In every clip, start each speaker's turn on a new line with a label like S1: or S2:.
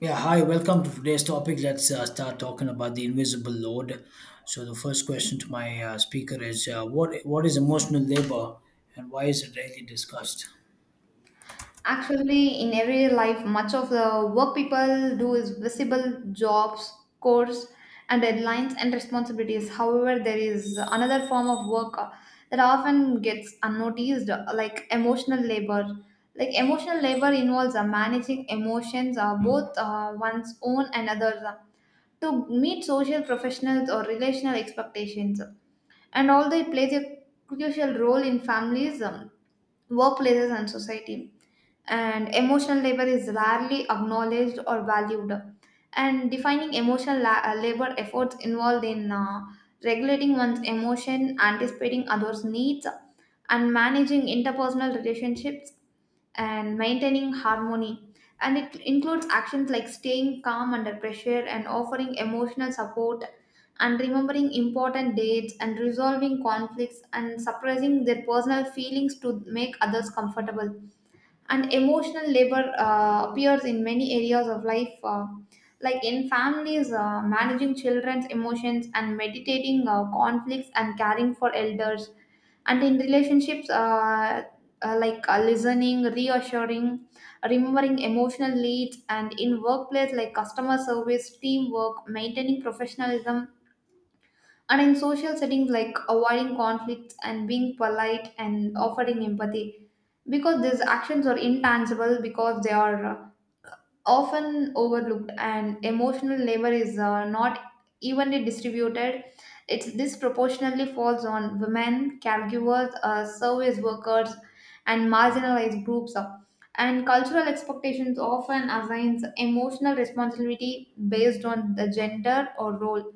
S1: Yeah, hi, welcome to today's topic. Let's start talking about the invisible load. So, the first question to my speaker is, What is emotional labor and why is it rarely discussed?
S2: Actually, in everyday life, much of the work people do is visible jobs, course, and deadlines and responsibilities. However, there is another form of work that often gets unnoticed, like emotional labor. Like emotional labor involves managing emotions, both one's own and others, to meet social, professional, or relational expectations. And although it plays a crucial role in families, workplaces and society. And emotional labor is rarely acknowledged or valued. And defining emotional labor efforts involved in regulating one's emotion, anticipating others' needs, and managing interpersonal relationships and maintaining harmony. And it includes actions like staying calm under pressure and offering emotional support and remembering important dates and resolving conflicts and suppressing their personal feelings to make others comfortable. And emotional labor appears in many areas of life, like in families, managing children's emotions and meditating conflicts and caring for elders and in relationships like listening, reassuring, remembering emotional leads, and in workplace like customer service, teamwork, maintaining professionalism, and in social settings like avoiding conflicts and being polite and offering empathy. Because these actions are intangible, because they are often overlooked and emotional labor is not evenly distributed, it disproportionately falls on women, caregivers, service workers, and marginalized groups, and cultural expectations often assigns emotional responsibility based on the gender or role,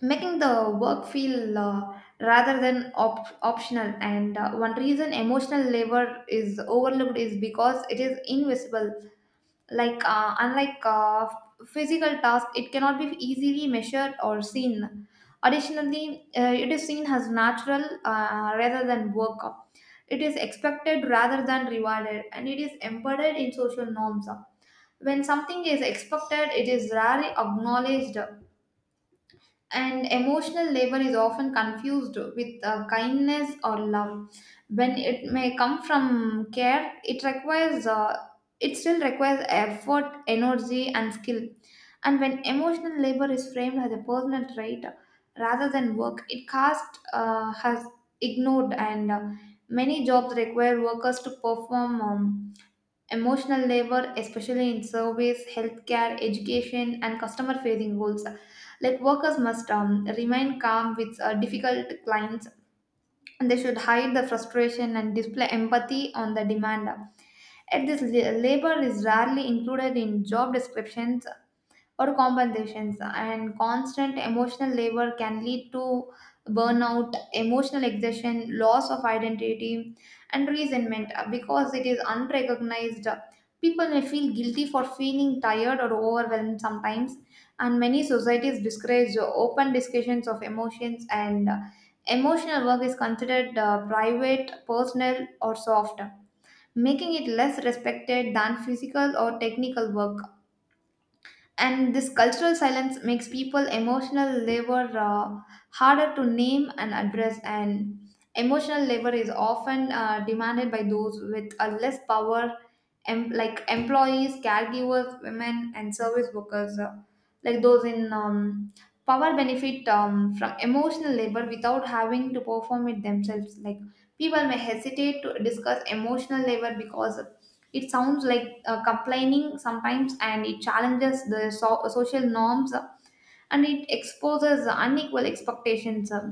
S2: making the work feel rather than optional. And One reason emotional labor is overlooked is because it is invisible. Unlike physical task, it cannot be easily measured or seen. Additionally, it is seen as natural rather than work. It is expected rather than rewarded, and it is embedded in social norms. When something is expected, it is rarely acknowledged. And emotional labor is often confused with kindness or love. When it may come from care, it still requires effort, energy, and skill. And when emotional labor is framed as a personal trait rather than work, it cast has ignored, and many jobs require workers to perform. Emotional labor, especially in service, healthcare, education, and customer facing roles. Like workers must remain calm with difficult clients, and they should hide the frustration and display empathy on the demand. At this, labor is rarely included in job descriptions or compensations, and constant emotional labor can lead to burnout, emotional exhaustion, loss of identity, and resentment. Because it is unrecognized, people may feel guilty for feeling tired or overwhelmed sometimes. And many societies discourage open discussions of emotions, and emotional work is considered private, personal, or soft, making it less respected than physical or technical work. And this cultural silence makes people emotional labor harder to name and address. And emotional labor is often demanded by those with a less power, like employees, caregivers, women, and service workers. Like those in power benefit from emotional labor without having to perform it themselves. Like people may hesitate to discuss emotional labor because it sounds like complaining sometimes, and it challenges the social norms, and it exposes unequal expectations.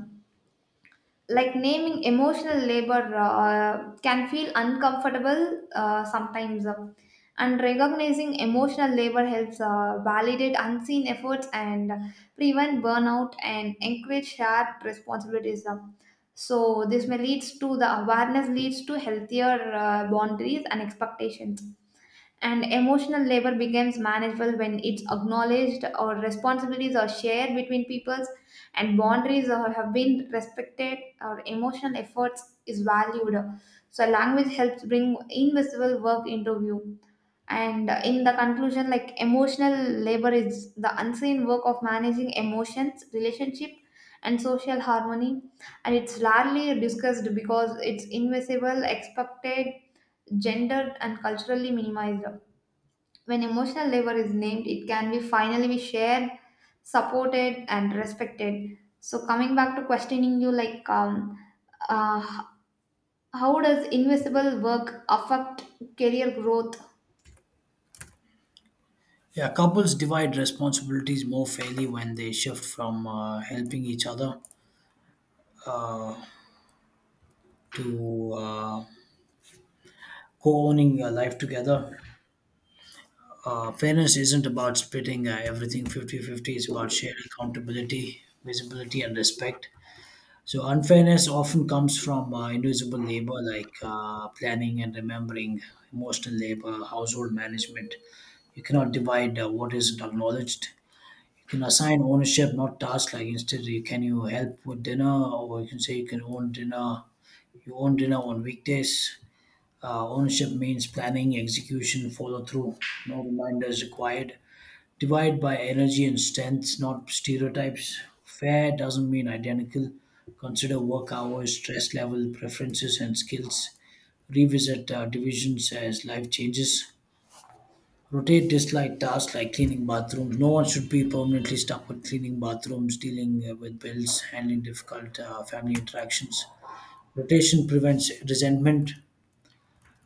S2: Like naming emotional labor can feel uncomfortable sometimes, and recognizing emotional labor helps validate unseen efforts and prevent burnout and encourage shared responsibilities. So this may leads to the awareness, leads to healthier boundaries and expectations. And emotional labor becomes manageable when it's acknowledged, or responsibilities are shared between peoples, and boundaries are, have been respected, or emotional efforts is valued. So language helps bring invisible work into view. And in the conclusion, like emotional labor is the unseen work of managing emotions, relationship, and social harmony. And it's largely discussed because it's invisible, expected, gendered, and culturally minimized. When emotional labor is named, it can be finally be shared, supported, and respected. So coming back to questioning you, like, uh, how does invisible work affect career growth?
S1: Yeah, couples divide responsibilities more fairly when they shift from helping each other to uh, co owning a life together. Fairness isn't about splitting everything 50-50. It's about shared accountability, visibility, and respect. So unfairness often comes from invisible labor like planning and remembering, emotional labor, household management. You cannot divide what isn't acknowledged. You can assign ownership, not tasks. Like instead, you can you help with dinner, or you can say you can own dinner. You own dinner on weekdays. Ownership means planning, execution, follow through. No reminders required. Divide by energy and strengths, not stereotypes. Fair doesn't mean identical. Consider work hours, stress level, preferences, and skills. Revisit divisions as life changes. Rotate dislike tasks like cleaning bathrooms. No one should be permanently stuck with cleaning bathrooms, dealing with bills, handling difficult family interactions. Rotation prevents resentment.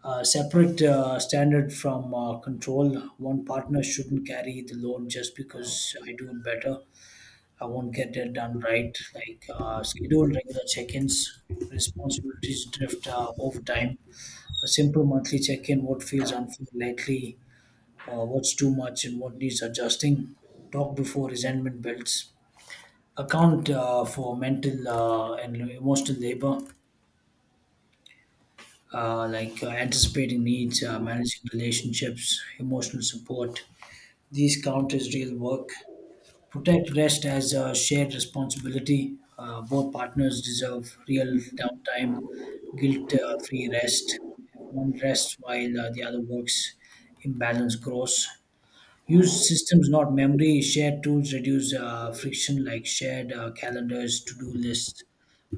S1: Separate standard from control. One partner shouldn't carry the load just because I do it better I won't get it done right. Like schedule regular check-ins, responsibilities drift over time. A simple monthly check-in: what feels unfair lately, what's too much, and what needs adjusting. Talk before resentment builds. Account for mental and emotional labor, like anticipating needs, managing relationships, emotional support. These count as real work. Protect rest as a shared responsibility. Both partners deserve real downtime, guilt free rest. If one rests while the other works, imbalance grows. Use systems, not memory. Shared tools reduce friction, like shared calendars, to do lists,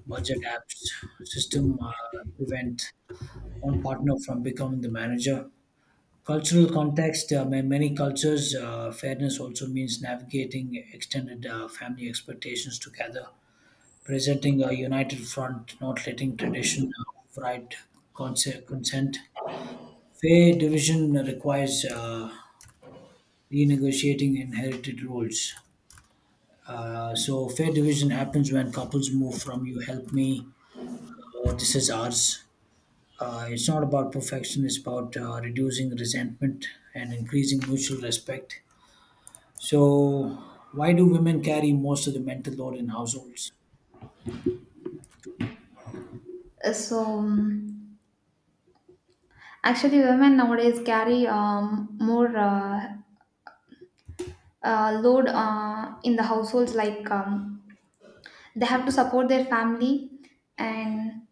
S1: budget apps. System prevent one partner from becoming the manager. Cultural context, in many cultures, fairness also means navigating extended family expectations together, presenting a united front, not letting tradition override consent. Fair division requires renegotiating inherited roles. So, fair division happens when couples move from you help me, or this is ours. It's not about perfection, it's about reducing resentment and increasing mutual respect. So, why do women carry most of the mental load in households?
S2: Uh, So um, actually, women nowadays carry more load in the households, like. They have to support their family, and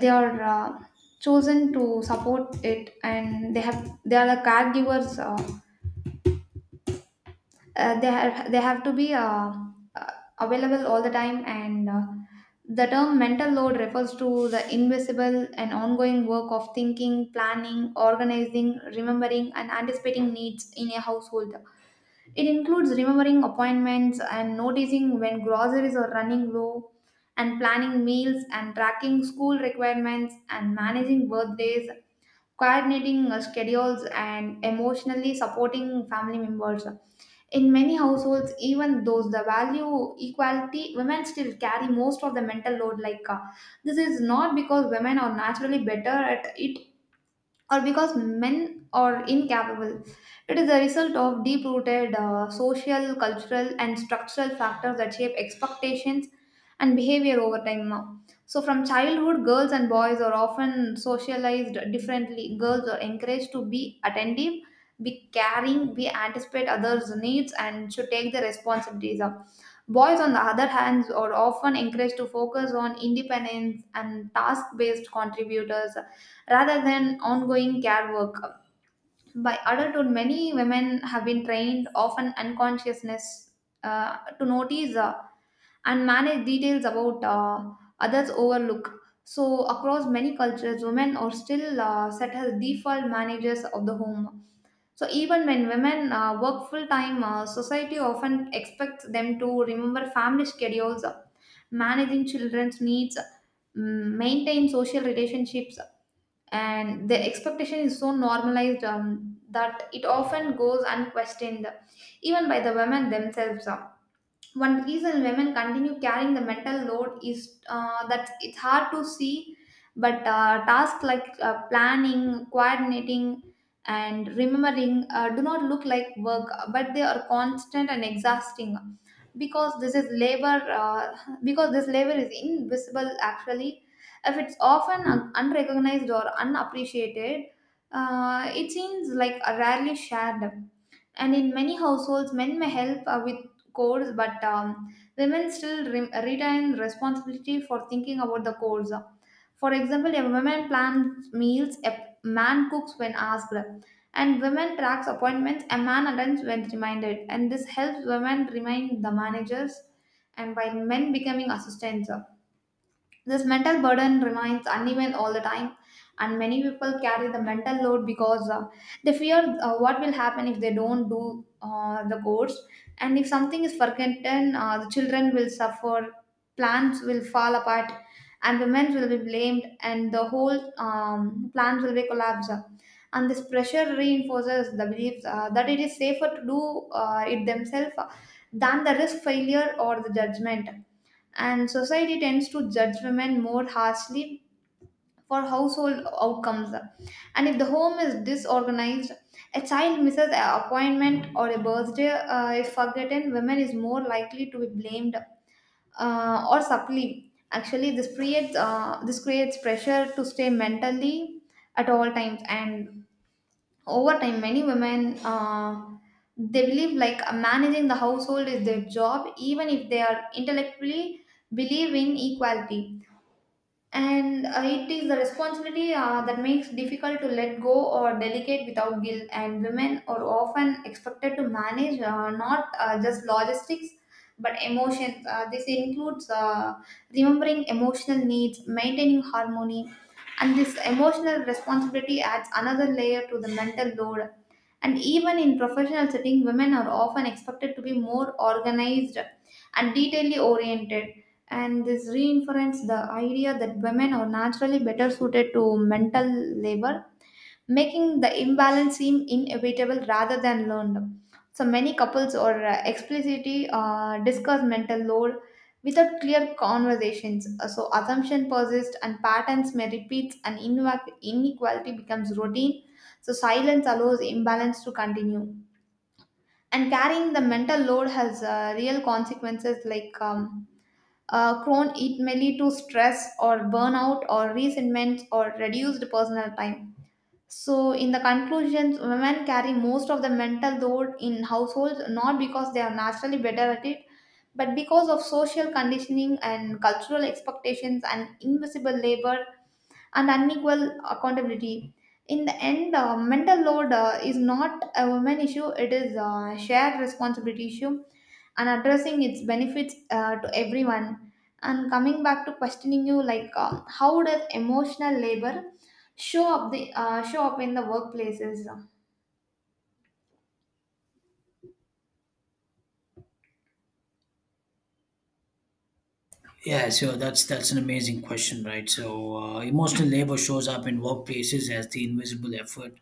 S2: they are chosen to support it, and they are the caregivers, they have to be uh, available all the time. And The term mental load refers to the invisible and ongoing work of thinking, planning, organizing, remembering, and anticipating needs in a household. It includes remembering appointments and noticing when groceries are running low, and planning meals and tracking school requirements and managing birthdays, coordinating schedules, and emotionally supporting family members. In many households, even those the value equality, women still carry most of the mental load. This is not because women are naturally better at it, or because men are incapable. It is a result of deep rooted social, cultural, and structural factors that shape expectations and behavior over time now. So, from childhood, girls and boys are often socialized differently. Girls are encouraged to be attentive, be caring, be anticipate others' needs, and should take the responsibilities. Boys, on the other hand, are often encouraged to focus on independence and task based contributors rather than ongoing care work. By adulthood, many women have been trained, often unconsciousness, to notice and manage details about others' overlook. So, across many cultures, women are still set as default managers of the home. So even when women work full time, society often expects them to remember family schedules, managing children's needs, maintain social relationships, and the expectation is so normalized that it often goes unquestioned, even by the women themselves. One reason women continue carrying the mental load is that it's hard to see, but tasks like planning, coordinating, and remembering do not look like work, but they are constant and exhausting. Because this is labor, because this labor is invisible actually, if it's often unrecognized or unappreciated, it seems like a rarely shared. And in many households, men may help with codes, but women still retain responsibility for thinking about the codes. For example, a woman plans meals, a man cooks when asked, and women tracks appointments, a man attends when reminded, and this helps women remain the managers, and while men becoming assistants. This mental burden remains uneven all the time, and many people carry the mental load because they fear what will happen if they don't do the course, and if something is forgotten, the children will suffer, plans will fall apart, and women will be blamed, and the whole plans will be collapsed. And this pressure reinforces the belief that it is safer to do it themselves, than the risk failure or the judgment. And society tends to judge women more harshly for household outcomes, and if the home is disorganized, a child misses an appointment, or a birthday if forgotten, women is more likely to be blamed or supply. Actually, this creates pressure to stay mentally at all times. And over time, many women they believe like managing the household is their job, even if they are intellectually believe in equality. And it is the responsibility that makes difficult to let go or delegate without guilt. And women are often expected to manage, not just logistics, but emotions. This includes remembering emotional needs, maintaining harmony, and this emotional responsibility adds another layer to the mental load. And even in professional setting, women are often expected to be more organized and detailly oriented. And this reinforces the idea that women are naturally better suited to mental labor, making the imbalance seem inevitable rather than learned. So many couples or explicitly discuss mental load without clear conversations. So assumption persists and patterns may repeat, and inequality becomes routine. So silence allows imbalance to continue. And carrying the mental load has real consequences, like crone, it may lead to stress or burnout or resentment or reduced personal time. So, in the conclusion, women carry most of the mental load in households not because they are naturally better at it, but because of social conditioning and cultural expectations and invisible labor and unequal accountability. In the end, mental load is not a woman issue, it is a shared responsibility issue, and addressing its benefits to everyone. And coming back to questioning you, like, how does emotional labor show up in the workplaces?
S1: Yeah, so that's an amazing question, right? So, emotional labor shows up in workplaces as the invisible effort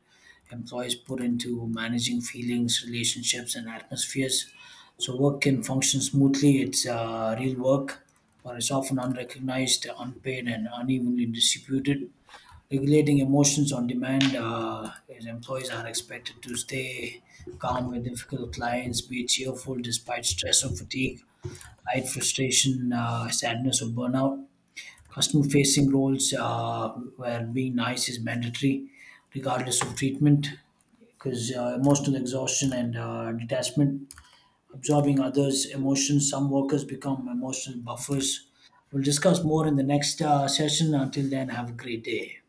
S1: employees put into managing feelings, relationships, and atmospheres. So, work can function smoothly. It's real work, but it's often unrecognized, unpaid, and unevenly distributed. Regulating emotions on demand is employees are expected to stay calm with difficult clients, be cheerful despite stress or fatigue, hide frustration, sadness or burnout. Customer facing roles where being nice is mandatory regardless of treatment, because emotional exhaustion and detachment, absorbing others emotions, some workers become emotional buffers. We'll discuss more in the next session. Until then, have a great day.